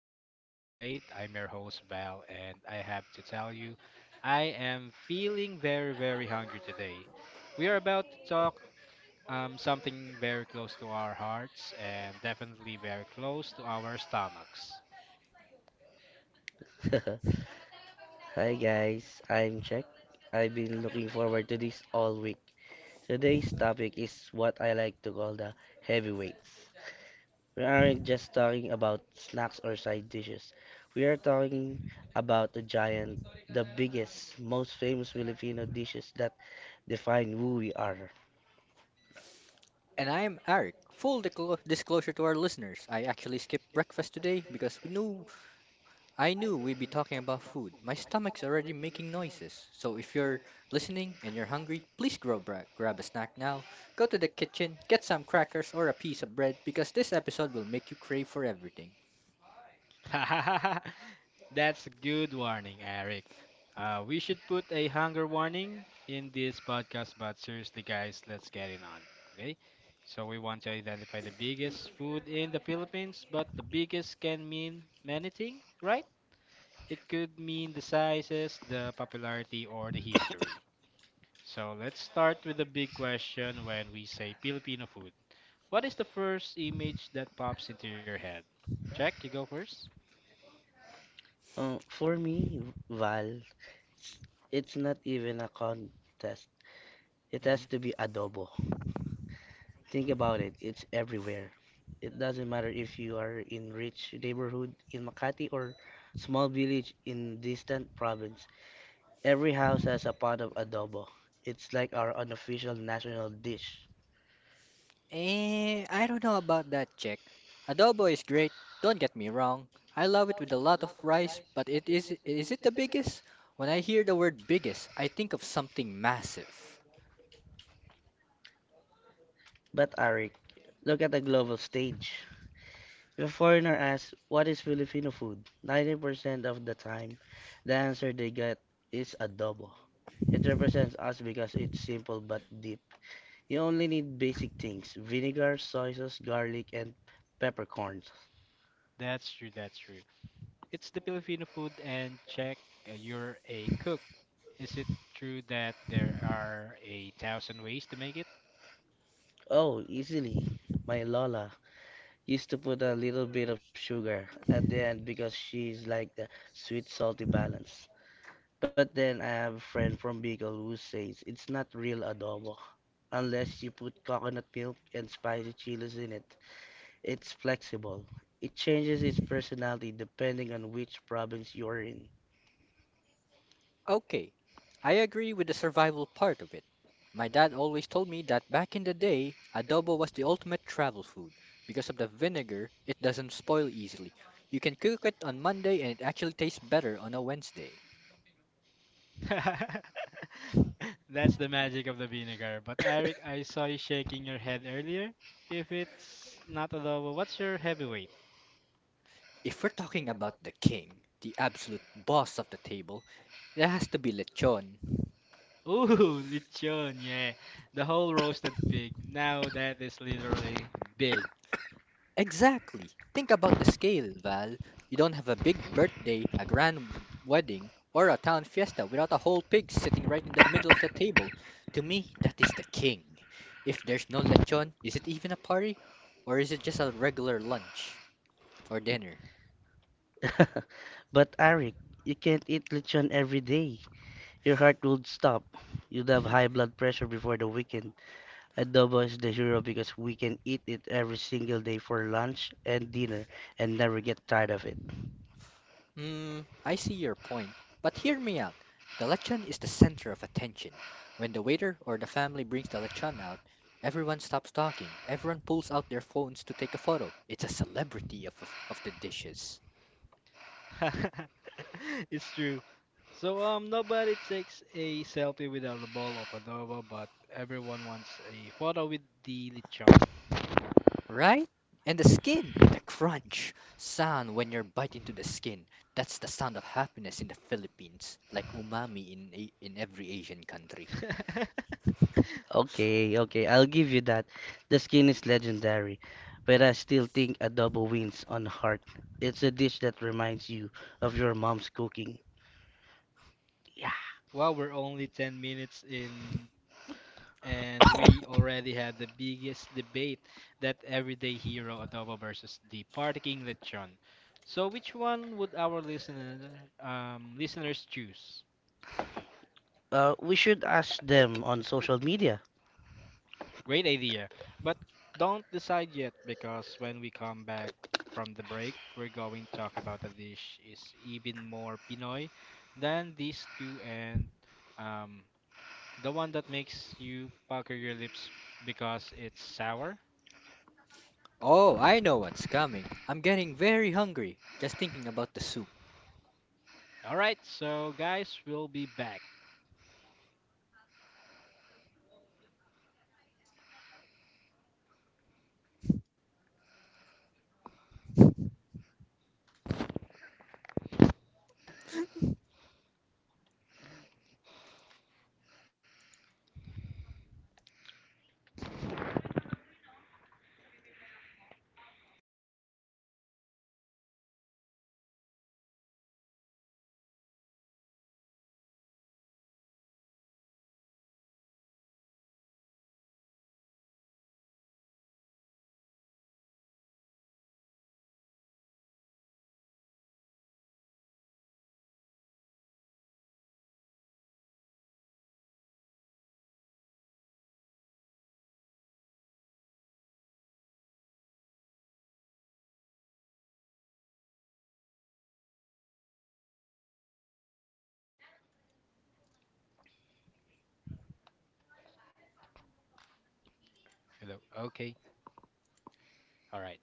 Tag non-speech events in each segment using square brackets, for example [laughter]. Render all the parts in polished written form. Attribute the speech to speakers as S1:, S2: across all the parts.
S1: the Pinoy Plate. I'm your host Val, and I have to tell you, I am feeling very, very hungry today. We are about to talk something very close to our hearts and definitely very close to our stomachs.
S2: [laughs] Hi guys, I'm Jack. I've been looking forward to this all week. Today's topic is what I like to call the heavyweights. We aren't just talking about snacks or side dishes. We are talking about the giant, the biggest, most famous Filipino dishes that define who we are.
S3: And I am Arik. Full disclosure to our listeners, I actually skipped breakfast today because we knew I knew we'd be talking about food. My stomach's already making noises. So if you're listening and you're hungry, please grab a snack now. Go to the kitchen, get some crackers or a piece of bread because this episode will make you crave for everything.
S1: [laughs] That's a good warning, Eric. We should put a hunger warning in this podcast, but seriously, guys, let's get it on. Okay? So, we want to identify the biggest food in the Philippines, but the biggest can mean many things, right? It could mean the sizes, the popularity, or the history. So, let's start with the big question when we say Filipino food. What is the first image that pops into your head? Jack, you go 1st.
S2: For me, Val, it's not even a contest. It has to be adobo. Think about it, it's everywhere. It doesn't matter if you are in rich neighborhood in Makati or small village in distant province. Every house has a pot of adobo. It's like our unofficial national dish.
S3: I don't know about that, Jack. Adobo is great, don't get me wrong. I love it with a lot of rice, but it is it the biggest? When I hear the word biggest, I think of something massive.
S2: But Arik, look at the global stage. If a foreigner asks, what is Filipino food? 90% of the time, the answer they get is adobo. It represents us because it's simple but deep. You only need basic things vinegar, soy sauce, garlic, and peppercorns.
S1: That's true, that's true. It's the Filipino food and check you're a cook. Is it true that there are a thousand ways to make it?
S2: Oh, easily. My Lola used to put a little bit of sugar at the end because she's like the sweet salty balance. But then I have a friend from Bicol who says it's not real adobo unless you put coconut milk and spicy chilies in it. It's flexible. It changes its personality depending on which province you're in.
S3: Okay, I agree with the survival part of it. My dad always told me that back in the day, adobo was the ultimate travel food. Because of the vinegar, it doesn't spoil easily. You can cook it on Monday and it actually tastes better on a Wednesday.
S1: [laughs] That's the magic of the vinegar. But Eric, I saw you shaking your head earlier. If it's not adobo, what's your heavyweight?
S3: If we're talking about the king, the absolute boss of the table, it has to be lechon.
S1: Ooh, [laughs] lechon, yeah. The whole roasted pig. Now that is literally big.
S3: Exactly. Think about the scale, Val. You don't have a big birthday, a grand wedding, or a town fiesta without a whole pig sitting right in the middle of the table. To me, that is the king. If there's no lechon, is it even a party? Or is it just a regular lunch or dinner?
S2: [laughs] But Arik, you can't eat lechon every day. Your heart would stop. You'd have high
S1: [laughs]
S2: blood pressure before the weekend. Adobo is the hero because we can eat it every single day for lunch and dinner and never get tired of it.
S3: I see your point. But hear me out. The lechon is the center of attention. When the waiter or the family brings the lechon out, everyone stops talking. Everyone pulls out their phones to take a photo. It's a celebrity of the dishes.
S1: [laughs] It's true. So nobody takes a selfie without a bowl of adobo, but everyone wants a photo with the lechon.
S3: Right? And the skin, the crunch sound when you're bite into the skin. That's the sound of happiness in the Philippines, like umami in in every Asian country.
S1: [laughs]
S2: Okay, okay, I'll give you that. The skin is legendary, but I still think adobo wins on heart. It's a dish that reminds you of your mom's cooking.
S1: Wow, we're only 10 minutes in and we already had the biggest debate, that everyday hero adobo versus the party king lechon. So which one would our listeners choose?
S2: We should ask them on social media.
S1: Great idea. But don't decide yet because when we come back from the break, we're going to talk about a dish is even more Pinoy than these two and um, the one that makes you pucker your lips because it's sour.
S3: Oh, I know what's coming. I'm getting very hungry just thinking about the soup.
S1: All right, so guys, we'll be back. Hello. Okay. All right.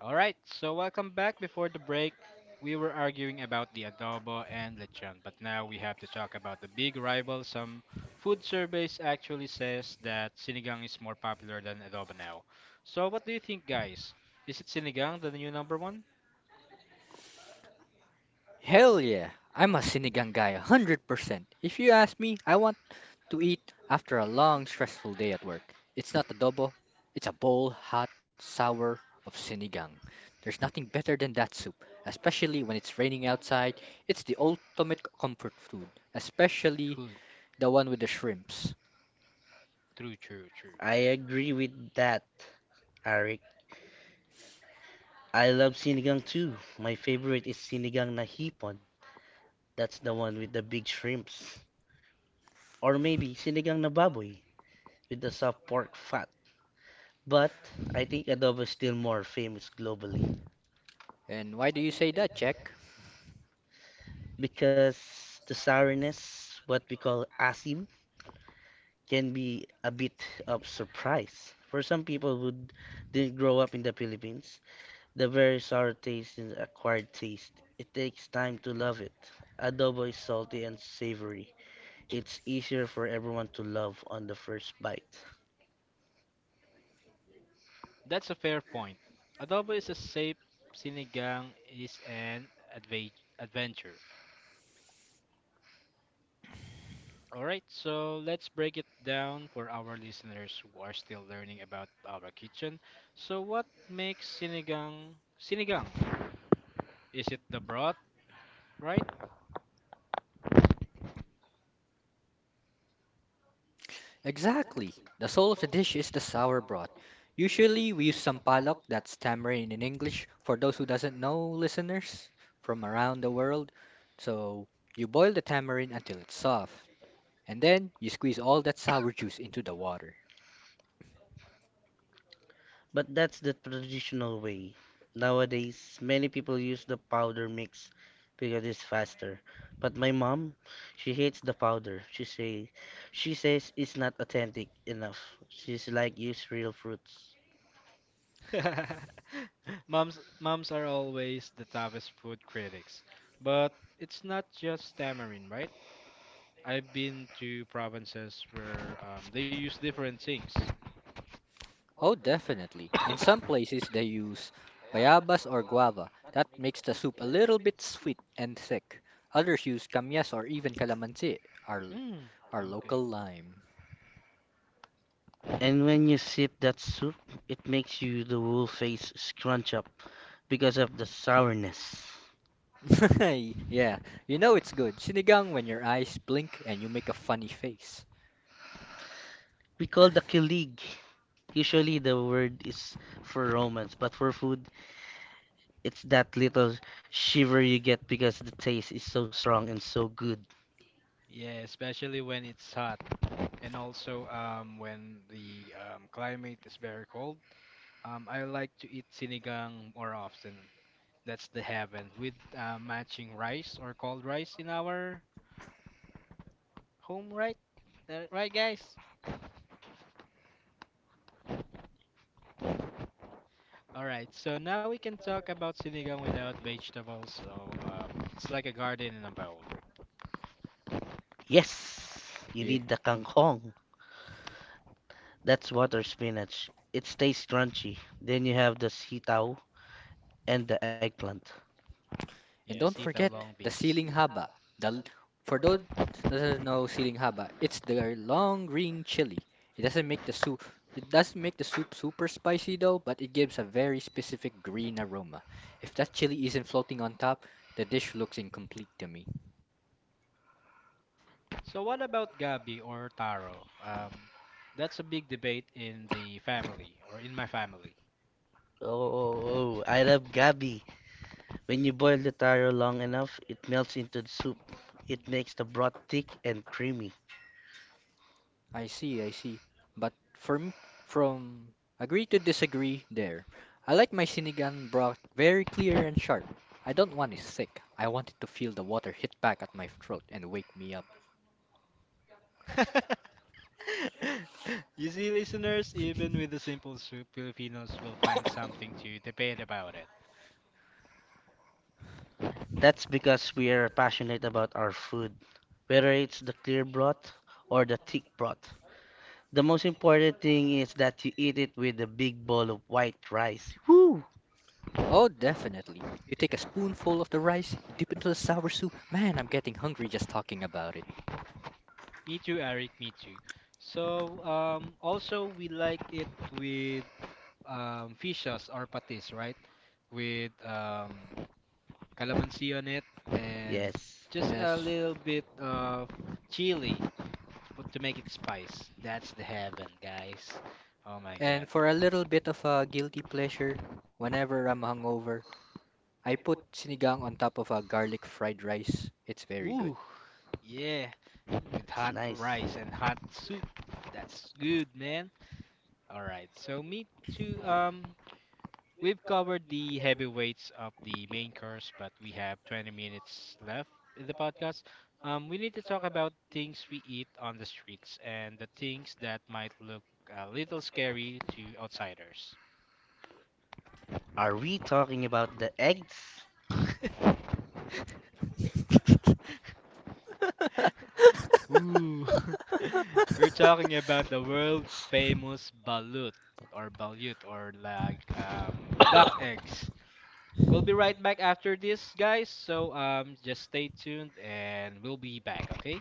S1: All right, so welcome back. Before the break, we were arguing about the adobo and lechon, but now we have to talk about the big rival. Some food surveys actually says that sinigang is more popular than adobo now. So what do you think, guys? Is it sinigang the new number one?
S3: Hell yeah, I'm a sinigang guy 100%. If you ask me, I want to eat after a long, stressful day at work. It's not adobo, it's a bowl hot, sour of sinigang. There's nothing better than that soup, especially when it's raining outside. It's the ultimate comfort food, especially
S1: Food,
S3: the one with the shrimps.
S1: true, true, true.
S2: I agree with that, Eric. I love sinigang too. My favorite is sinigang na hipon. That's the one with the big shrimps. Or maybe sinigang na baboy, with the soft pork fat. But I think adobo is still more famous globally
S3: And why do you say that, Jack?
S2: because the sourness, what we call asim, can be a bit of surprise. For some people who didn't grow up in the Philippines, the very sour taste is acquired taste. It takes time to love it. Adobo is salty and savory. It's easier for everyone to love on the first bite.
S1: That's a fair point. Adobo is a safe, sinigang is an adve adventure. All right, so let's break it down for our listeners who are still learning about our kitchen. So what makes sinigang sinigang? Is it the broth, right?
S3: Exactly. The soul of the dish is the sour broth. Usually we use sampalok, that's tamarind in English, for those who doesn't know, listeners from around the world. So you boil the tamarind until it's soft, and then you squeeze all that sour juice into the water.
S2: But that's the traditional way. Nowadays, many people use the powder mix because it's faster. But my mom, she hates the powder. She says it's not authentic enough. She's like use real fruits.
S1: [laughs] Moms are always the toughest food critics. But it's not just tamarind, right? I've been to provinces where they use different things.
S3: Oh, definitely. In some places they use bayabas or guava. That makes the soup a little bit sweet and thick. Others use kamyas or even calamansi, our
S1: Hmm,
S3: our local
S1: okay.
S3: lime.
S2: And when you sip that soup, it makes you the whole face scrunch up because of the sourness.
S3: [laughs] Yeah, you know it's good. Sinigang when your eyes blink and you make a funny face.
S2: We call the kilig. Usually the word is for romance, but for food, it's that little shiver you get because the taste is so strong and so good.
S1: Yeah, especially when it's hot and also when the climate is very cold. I like to eat sinigang more often. That's the heaven with matching rice or cold rice in our home, right? That- right, guys? All right, so now we can talk about sinigang without vegetables. So it's like a garden in a bowl.
S2: Yes, you
S3: Yeah.
S2: need the kangkong. That's water spinach. It stays crunchy. Then you have the sitaw and the eggplant.
S3: And
S1: Yes,
S3: don't
S1: sitaw
S3: forget
S1: long
S3: the
S1: beans.
S3: ceiling haba. The l- for those that doesn't know ceiling haba, it's the long green chili. It doesn't make the soup it doesn't make the soup super spicy though, but it gives a very specific green aroma. If that chili isn't floating on top, the dish looks incomplete to me.
S1: So what about gabi or taro? That's a big debate in the family or in my family.
S2: Oh, I love gabi. When you boil the taro long enough, it melts into the soup. It makes the broth thick and creamy.
S3: I see. But from from agree to disagree there. I like my sinigang broth very clear and sharp. I don't want it thick. I want it to feel the water hit back at my throat and wake me up.
S1: [laughs] You see, listeners, even with a simple soup, Filipinos will find something to debate about it.
S2: That's because we are passionate about our food, whether it's the clear broth or the thick broth. The most important thing is that you eat it with a big bowl of white rice. Woo!
S3: Oh, definitely. You take a spoonful of the rice, you dip into the sour soup. Man, I'm getting hungry just talking about it.
S1: Me too, Eric, me too. So, also, we like it with fish sauce or patis, right? With calamansi on it and
S2: Yes,
S1: just a
S3: Yes.
S1: little bit of chili to, put, to make it spice. That's the heaven, guys. Oh my
S3: And
S1: God.
S3: for a little bit of a guilty pleasure, whenever I'm hungover, I put sinigang on top of a garlic fried rice. It's very good.
S1: Woo! Yeah. With
S2: it's
S1: hot
S2: nice.
S1: rice and hot soup. That's good, man. All right, so me too. We've covered the heavyweights of the main course, but we have 20 minutes left in the podcast. We need to talk about things we eat on the streets and the things that might look a little scary to outsiders.
S2: Are we talking about the eggs?
S1: Ooh, [laughs] we're talking about the world famous balut or balut or like duck eggs. We'll be right back after this, guys. So just stay tuned and we'll be back. Okay.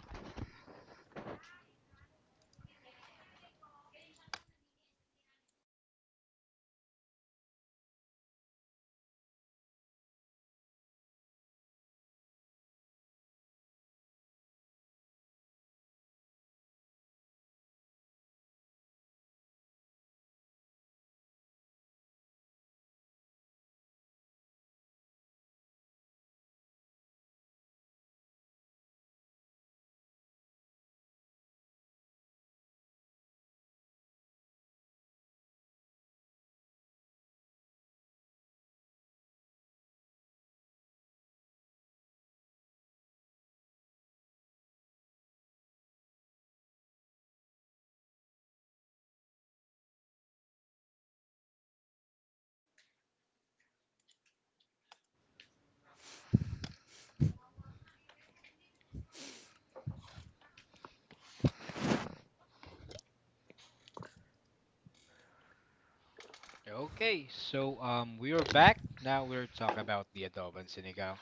S1: Okay. So we are back. Now we're talking about the adobo and sinigang,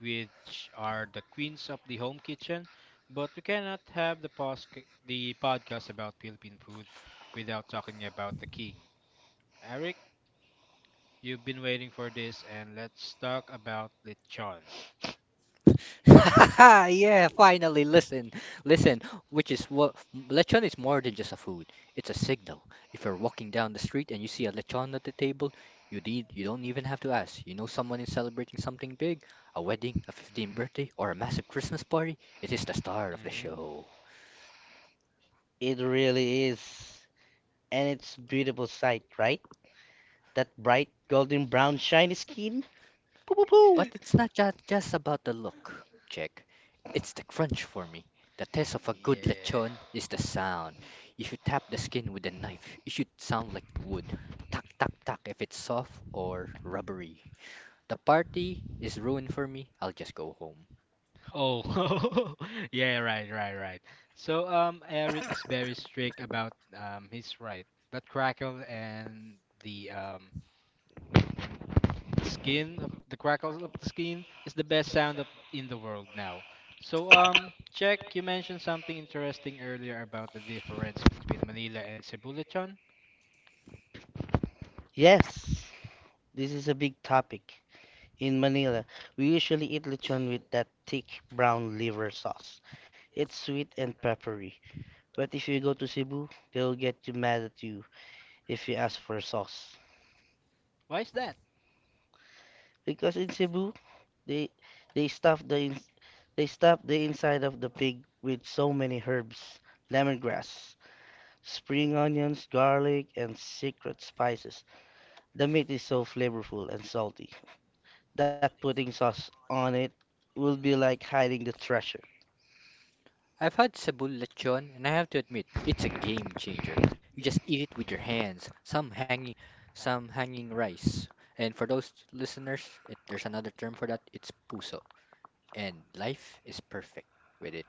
S1: which are the queens of the home kitchen. But we cannot have the the podcast about Philippine food without talking about the king. Eric, you've been waiting for this, and let's talk about lechon.
S3: [laughs] Yeah, finally, listen, which is what lechon is more than just a food. It's a signal. If you're walking down the street and you see a lechon at the table, you don't even have to ask. You know someone is celebrating something big, a wedding, a 15th
S1: Mhm.
S3: birthday, or a massive Christmas party. It is the star of the
S1: Mhm.
S3: show.
S2: It really is. And it's beautiful sight, right? That bright golden brown shiny skin. Poo poo
S3: But
S2: poo.
S3: it's not just about the look, Jake. It's the crunch for me. The taste of a good
S1: Yeah.
S3: lechon is the sound. If you tap the skin with a knife, it should sound like wood. Tuck, tuck, tuck if it's soft or rubbery. The party is ruined for me. I'll just go home.
S1: Oh, [laughs] yeah, right, right, right. So, Eric is very strict about his right, that crackle and the the skin of the crackles of the skin is the best sound of in the world now. So, check, you mentioned something interesting earlier about the difference between Manila and Cebulichon.
S2: Yes, this is a big topic. In Manila, we usually eat lechon with that thick brown liver sauce. It's sweet and peppery. But if you go to Cebu, they'll get you mad at you if you ask for sauce.
S1: Why is that?
S2: Because in Cebu, they they stuff the inside of the pig with so many herbs, lemongrass, spring onions, garlic, and secret spices. The meat is so flavorful and salty. That putting sauce on it will be like hiding the treasure. [laughs]
S3: I've had Cebu lechon, and I have to admit, it's a game changer. You just eat it with your hands. Some hanging rice. And for those listeners, there's another term for that. It's puso. And life is perfect with it.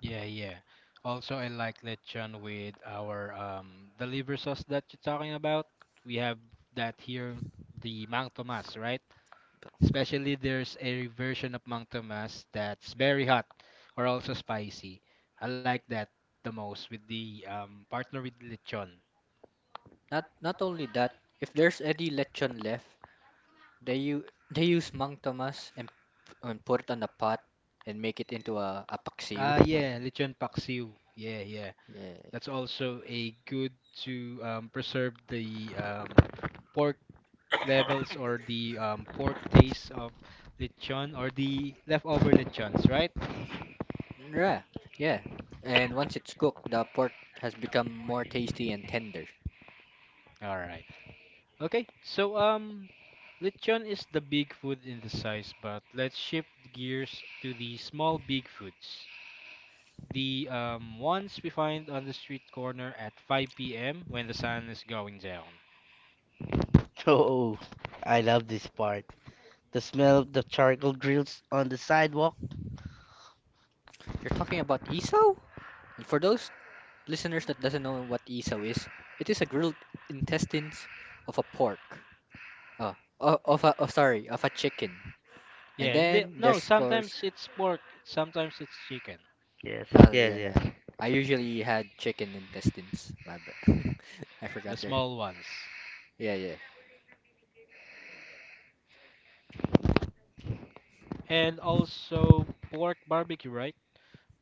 S1: Yeah, yeah. Also, I like lechon with our the liver sauce that you're talking about. We have that here, the Mang Tomas, right? Especially there's a version of Mang Tomas that's very hot or also spicy. I like that the most with the partner with lechon.
S3: Not only that, if there's any lechon left, they u- [laughs] they use Mang Tomas and put it on a pot and make it into a paksiw.
S1: Ah, yeah, lechon paksiw. Yeah, yeah.
S3: Yeah.
S1: That's also a good to preserve the pork levels or the pork taste of lechon or the leftover lechons, right?
S3: Yeah. Yeah. And once it's cooked, the pork has become more tasty and tender.
S1: All right. Okay. So lechon is the big food in the size, but let's shift gears to the small big foods. The ones we find on the street corner at 5 p.m. when the sun is going down.
S2: Oh, I love this part. The smell of the charcoal grills on the sidewalk.
S3: You're talking about isaw? And for those listeners that doesn't know what isaw is, it is a grilled intestines of a pork. Oh, oh, sorry, of a chicken. And
S1: Yeah, and they,
S3: then there's,
S1: no,
S3: of course.
S1: sometimes it's pork, sometimes it's chicken,
S2: Yes,
S3: Oh,
S2: yes,
S3: yeah,
S2: yes,
S3: yeah. I usually had chicken intestines. My bad. [laughs] I
S1: the
S3: forgot there.
S1: small ones.
S3: Yeah, yeah.
S1: And also pork barbecue, right?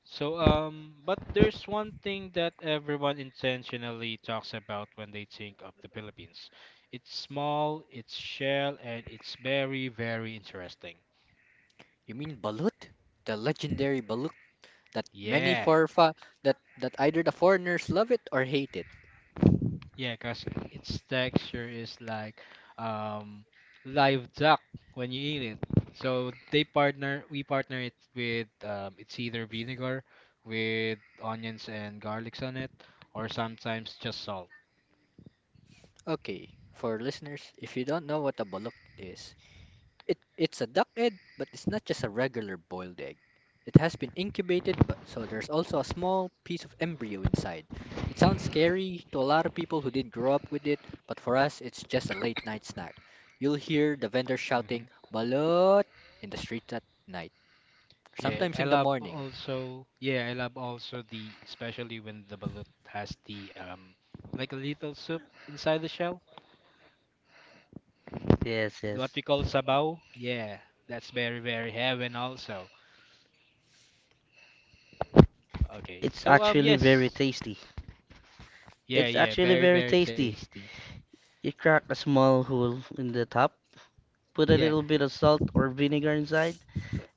S1: So, but there's one thing that everyone intentionally talks about when they think of the Philippines. It's small, it's shell, and it's very, very interesting.
S3: You mean balut? The legendary balut that many
S1: Yeah,
S3: forfa that that either the foreigners love it or hate it.
S1: yeah, because its texture is like um, live duck when you eat it. So they partner, we partner it with it's either vinegar with onions and garlics on it, or sometimes just salt.
S3: Okay, for listeners, if you don't know what a balut is, it's a duck egg, but it's not just a regular boiled egg. It has been incubated, but so there's also a small piece of embryo inside. It sounds scary to a lot of people who didn't grow up with it, but for us, it's just a late night snack. You'll hear the vendor
S1: Mm-hmm.
S3: shouting, Balot! In the streets at night,
S1: Yeah,
S3: sometimes
S1: I
S3: in the
S1: love
S3: morning.
S1: also. Yeah, I love also the especially when the balut has the like a little soup inside the shell,
S2: yes,
S1: the- what
S2: yes.
S1: we call sabaw. Yeah, that's very very heaven also. Okay,
S2: It's
S1: so
S2: actually very
S1: yes,
S2: tasty.
S1: yeah
S2: It's
S1: yeah
S2: actually
S1: very
S2: very
S1: very
S2: tasty.
S1: tasty.
S2: You crack a small hole in the top, put a
S1: Yeah
S2: little bit of salt or vinegar inside,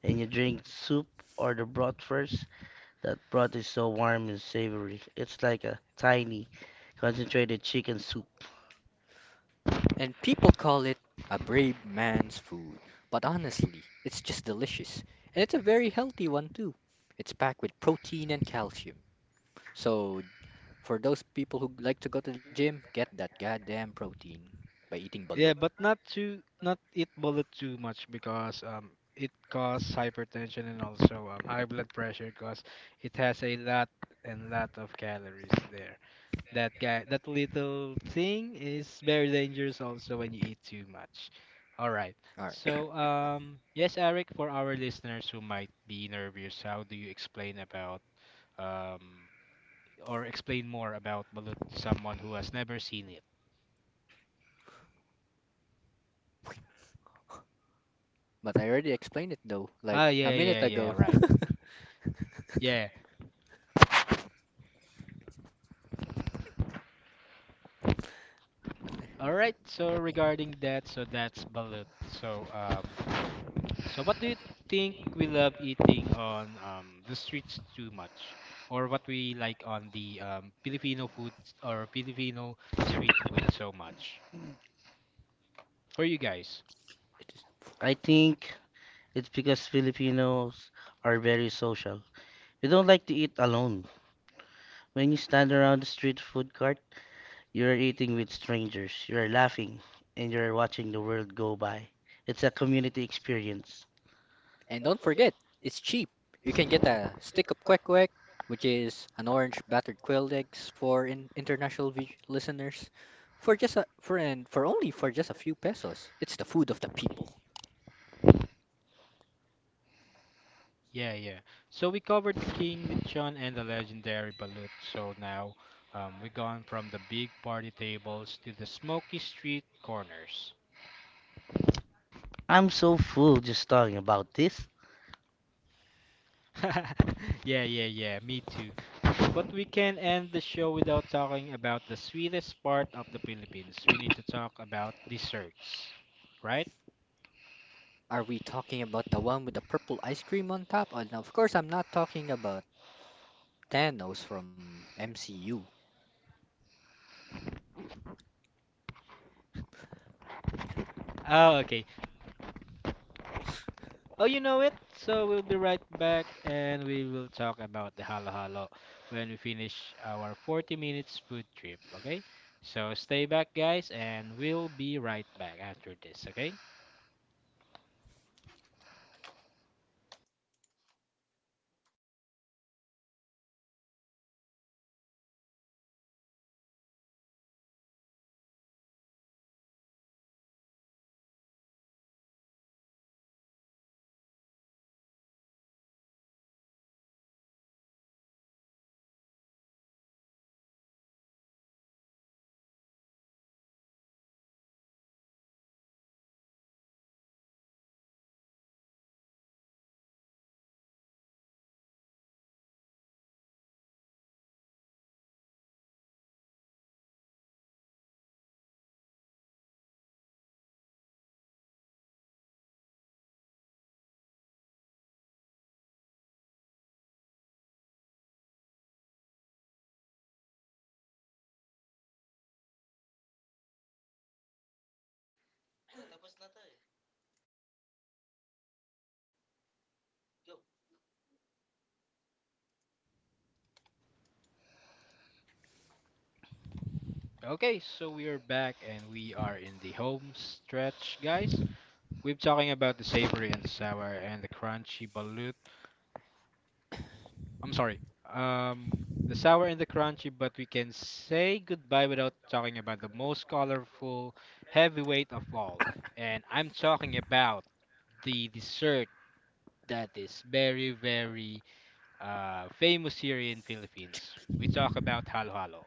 S2: and you drink soup or the broth first. That broth is so warm and savory. It's like a tiny, concentrated chicken soup.
S3: And people call it a brave man's food, but honestly, it's just delicious. And it's a very healthy one, too. It's packed with protein and calcium. So for those people who like to go to the gym, get that goddamn protein by eating
S1: yeah,
S3: balut.
S1: but not to not eat balut too much because it causes hypertension and also high blood pressure because it has a lot and lot of calories there. That guy, that little thing is very dangerous also when you eat too much. All right.
S3: All right.
S1: So, yes, Eric, for our listeners who might be nervous, how do you explain about um or explain more about balut to someone who has never seen it?
S3: But I already explained it though, like
S1: Ah,
S3: a
S1: yeah,
S3: minute
S1: yeah, yeah,
S3: ago.
S1: right. Yeah.
S3: [laughs]
S1: All right. So
S3: But it
S1: regarding that, so that's balut. So, so, what do you think we love eating on the streets too much, or what we like on the Filipino food or Filipino street food so much? For you guys,
S3: is.
S2: I think it's because Filipinos are very social. We don't like to eat alone. When you stand around the street food court, you're eating with strangers, you're laughing, and you're watching the world go by. It's a community experience.
S3: And don't forget, it's cheap. You can get a stick of quack quack, which is an orange battered quail eggs for listeners, for just a for and for only for just a few pesos. It's the food of the people.
S1: yeah, yeah. So we covered the King Lechon and the legendary balut. So now we're gone from the big party tables to the smoky street corners.
S2: I'm so full just talking about this.
S1: [laughs] Yeah, yeah, yeah. Me too. But we can end the show without talking about the sweetest part of the Philippines. We need to talk about desserts, right?
S3: Are we talking about the one with the purple ice cream on top? Oh, no, of course, I'm not talking about Thanos from MCU.
S1: Oh, okay. Oh, you know it. So we'll be right back and we will talk about the halo halo when we finish our 40 minutes food trip, okay? So stay back, guys, and we'll be right back after this, okay? Okay, so we are back and we are in the home stretch, guys. We're talking about the savory and the sour and the crunchy balut. I'm sorry. Um, the sour and the crunchy, but we can say goodbye without talking about the most colorful heavyweight of all. And I'm talking about the dessert that is very, very famous here in Philippines. We talk about halo halo.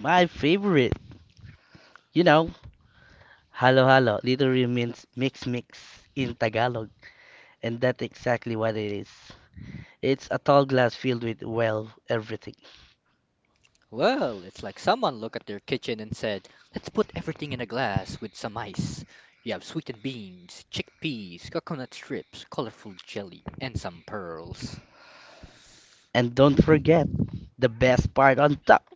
S2: My favorite, you know, halo halo literally means mix mix in Tagalog, and that's exactly what it is. It's a tall glass filled with, well, everything.
S3: Well, it's like someone looked at their kitchen and said, let's put everything in a glass with some ice. You have sweetened beans, chickpeas, coconut strips, colorful jelly, and some pearls.
S2: And don't forget, the best part on top,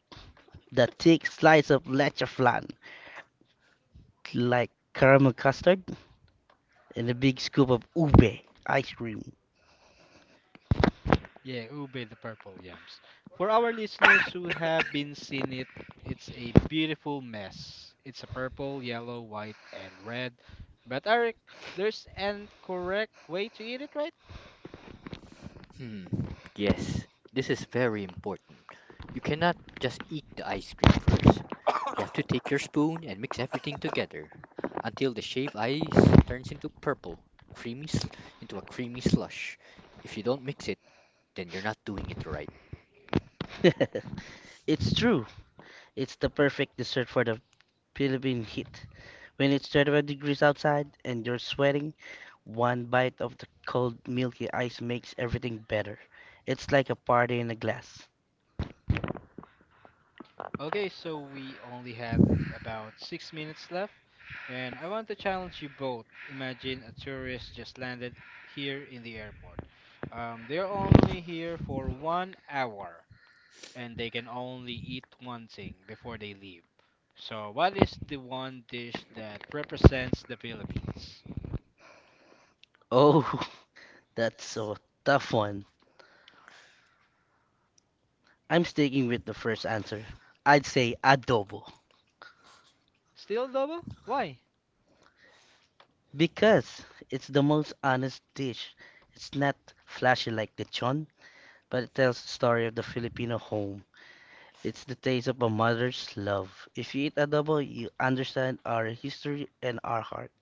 S2: the thick slice of leche flan, like caramel custard, and a big scoop of ube ice cream.
S1: Yeah, ube the purple yams. For our listeners who have been seeing it, it's a beautiful mess. It's a purple, yellow, white, and red. But Eric, there's an correct way to eat it, right?
S3: Hmm, yes, this is very important. You cannot just eat the ice cream first. You have to take your spoon and mix everything together until the shaved ice turns into purple, creamy sl- into a creamy slush. If you don't mix it, then you're not doing it right.
S2: [laughs] It's true, it's the perfect dessert for the Philippine heat. When it's 35 degrees outside and you're sweating, one bite of the cold milky ice makes everything better. It's like a party in a glass.
S1: Okay, so we only have about 6 minutes left, and I want to challenge you both. Imagine a tourist just landed here in the airport. They're only here for 1 hour. And they can only eat one thing before they leave. So, what is the one dish that represents the Philippines?
S2: Oh, [laughs] that's a tough one. I'm sticking with the first answer. I'd say adobo.
S1: Still double? Why?
S2: Because it's the most honest dish. It's not flashy like lechon, but it tells the story of the Filipino home. It's the taste of a mother's love. If you eat adobo, you understand our history and our heart.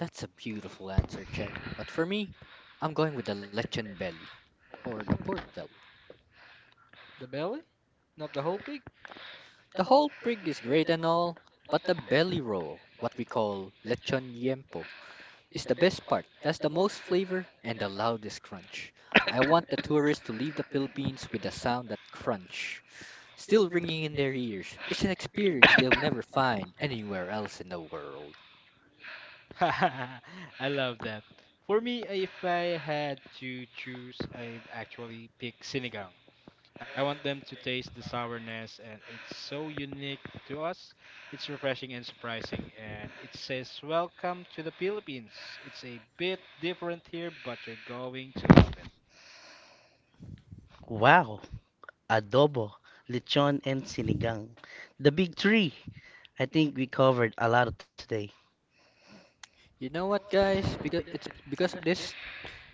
S3: That's a beautiful answer, Check. But for me, I'm going with the lechon belly or the pork belly.
S1: The belly? Not the whole pig?
S3: The whole pig is great and all, but the belly roll, what we call lechon yempo, is the best part. It has the most flavor and the loudest crunch. I want the tourists to leave the Philippines with the sound that crunch still ringing in their ears. It's an experience they'll never find anywhere else in the world.
S1: [laughs] I love that. For me, if I had to choose, I'd actually pick sinigang. I want them to taste the sourness, and it's so unique to us. It's refreshing and surprising, and it says, Welcome to the Philippines. It's a bit different here, but you're going to love it.
S2: Wow, adobo, lechon, and sinigang. The big three. I think we covered a lot today.
S3: You know what, guys? Because of this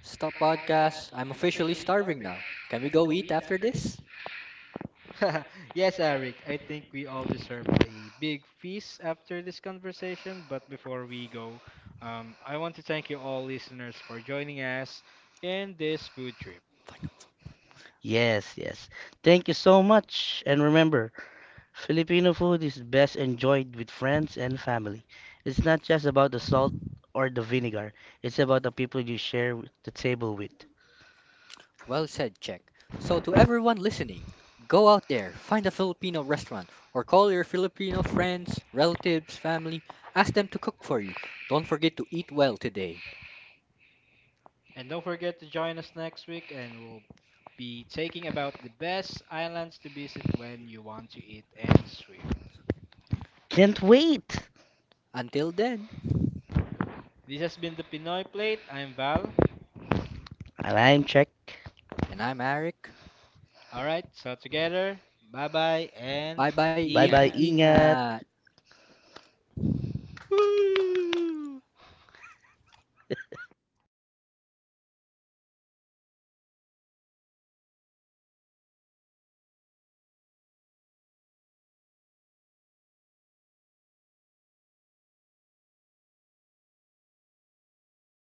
S3: stop podcast, I'm officially starving now. Can we go eat after this?
S1: [laughs] Yes, Eric, I think we all deserve a big feast after this conversation. But before we go, I want to thank you all listeners for joining us in this food trip.
S3: Fine.
S2: Yes, yes. Thank you so much. And remember, Filipino food is best enjoyed with friends and family. It's not just about the salt or the vinegar, it's about the people you share the table with.
S3: Well said, Check. So to everyone listening, go out there, find a Filipino restaurant, or call your Filipino friends, relatives, family, ask them to cook for you. Don't forget to eat well today.
S1: And don't forget to join us next week, and we'll be taking about the best islands to visit when you want to eat and swim.
S2: Can't wait!
S3: Until then,
S1: This has been the Pinoy Plate. I'm Val.
S2: And I'm Check.
S3: and I'm Eric.
S1: All right, so together, bye bye and
S3: Bye bye,
S2: Bye bye,
S1: ingat.
S3: ingat.
S2: ingat.
S1: Woo!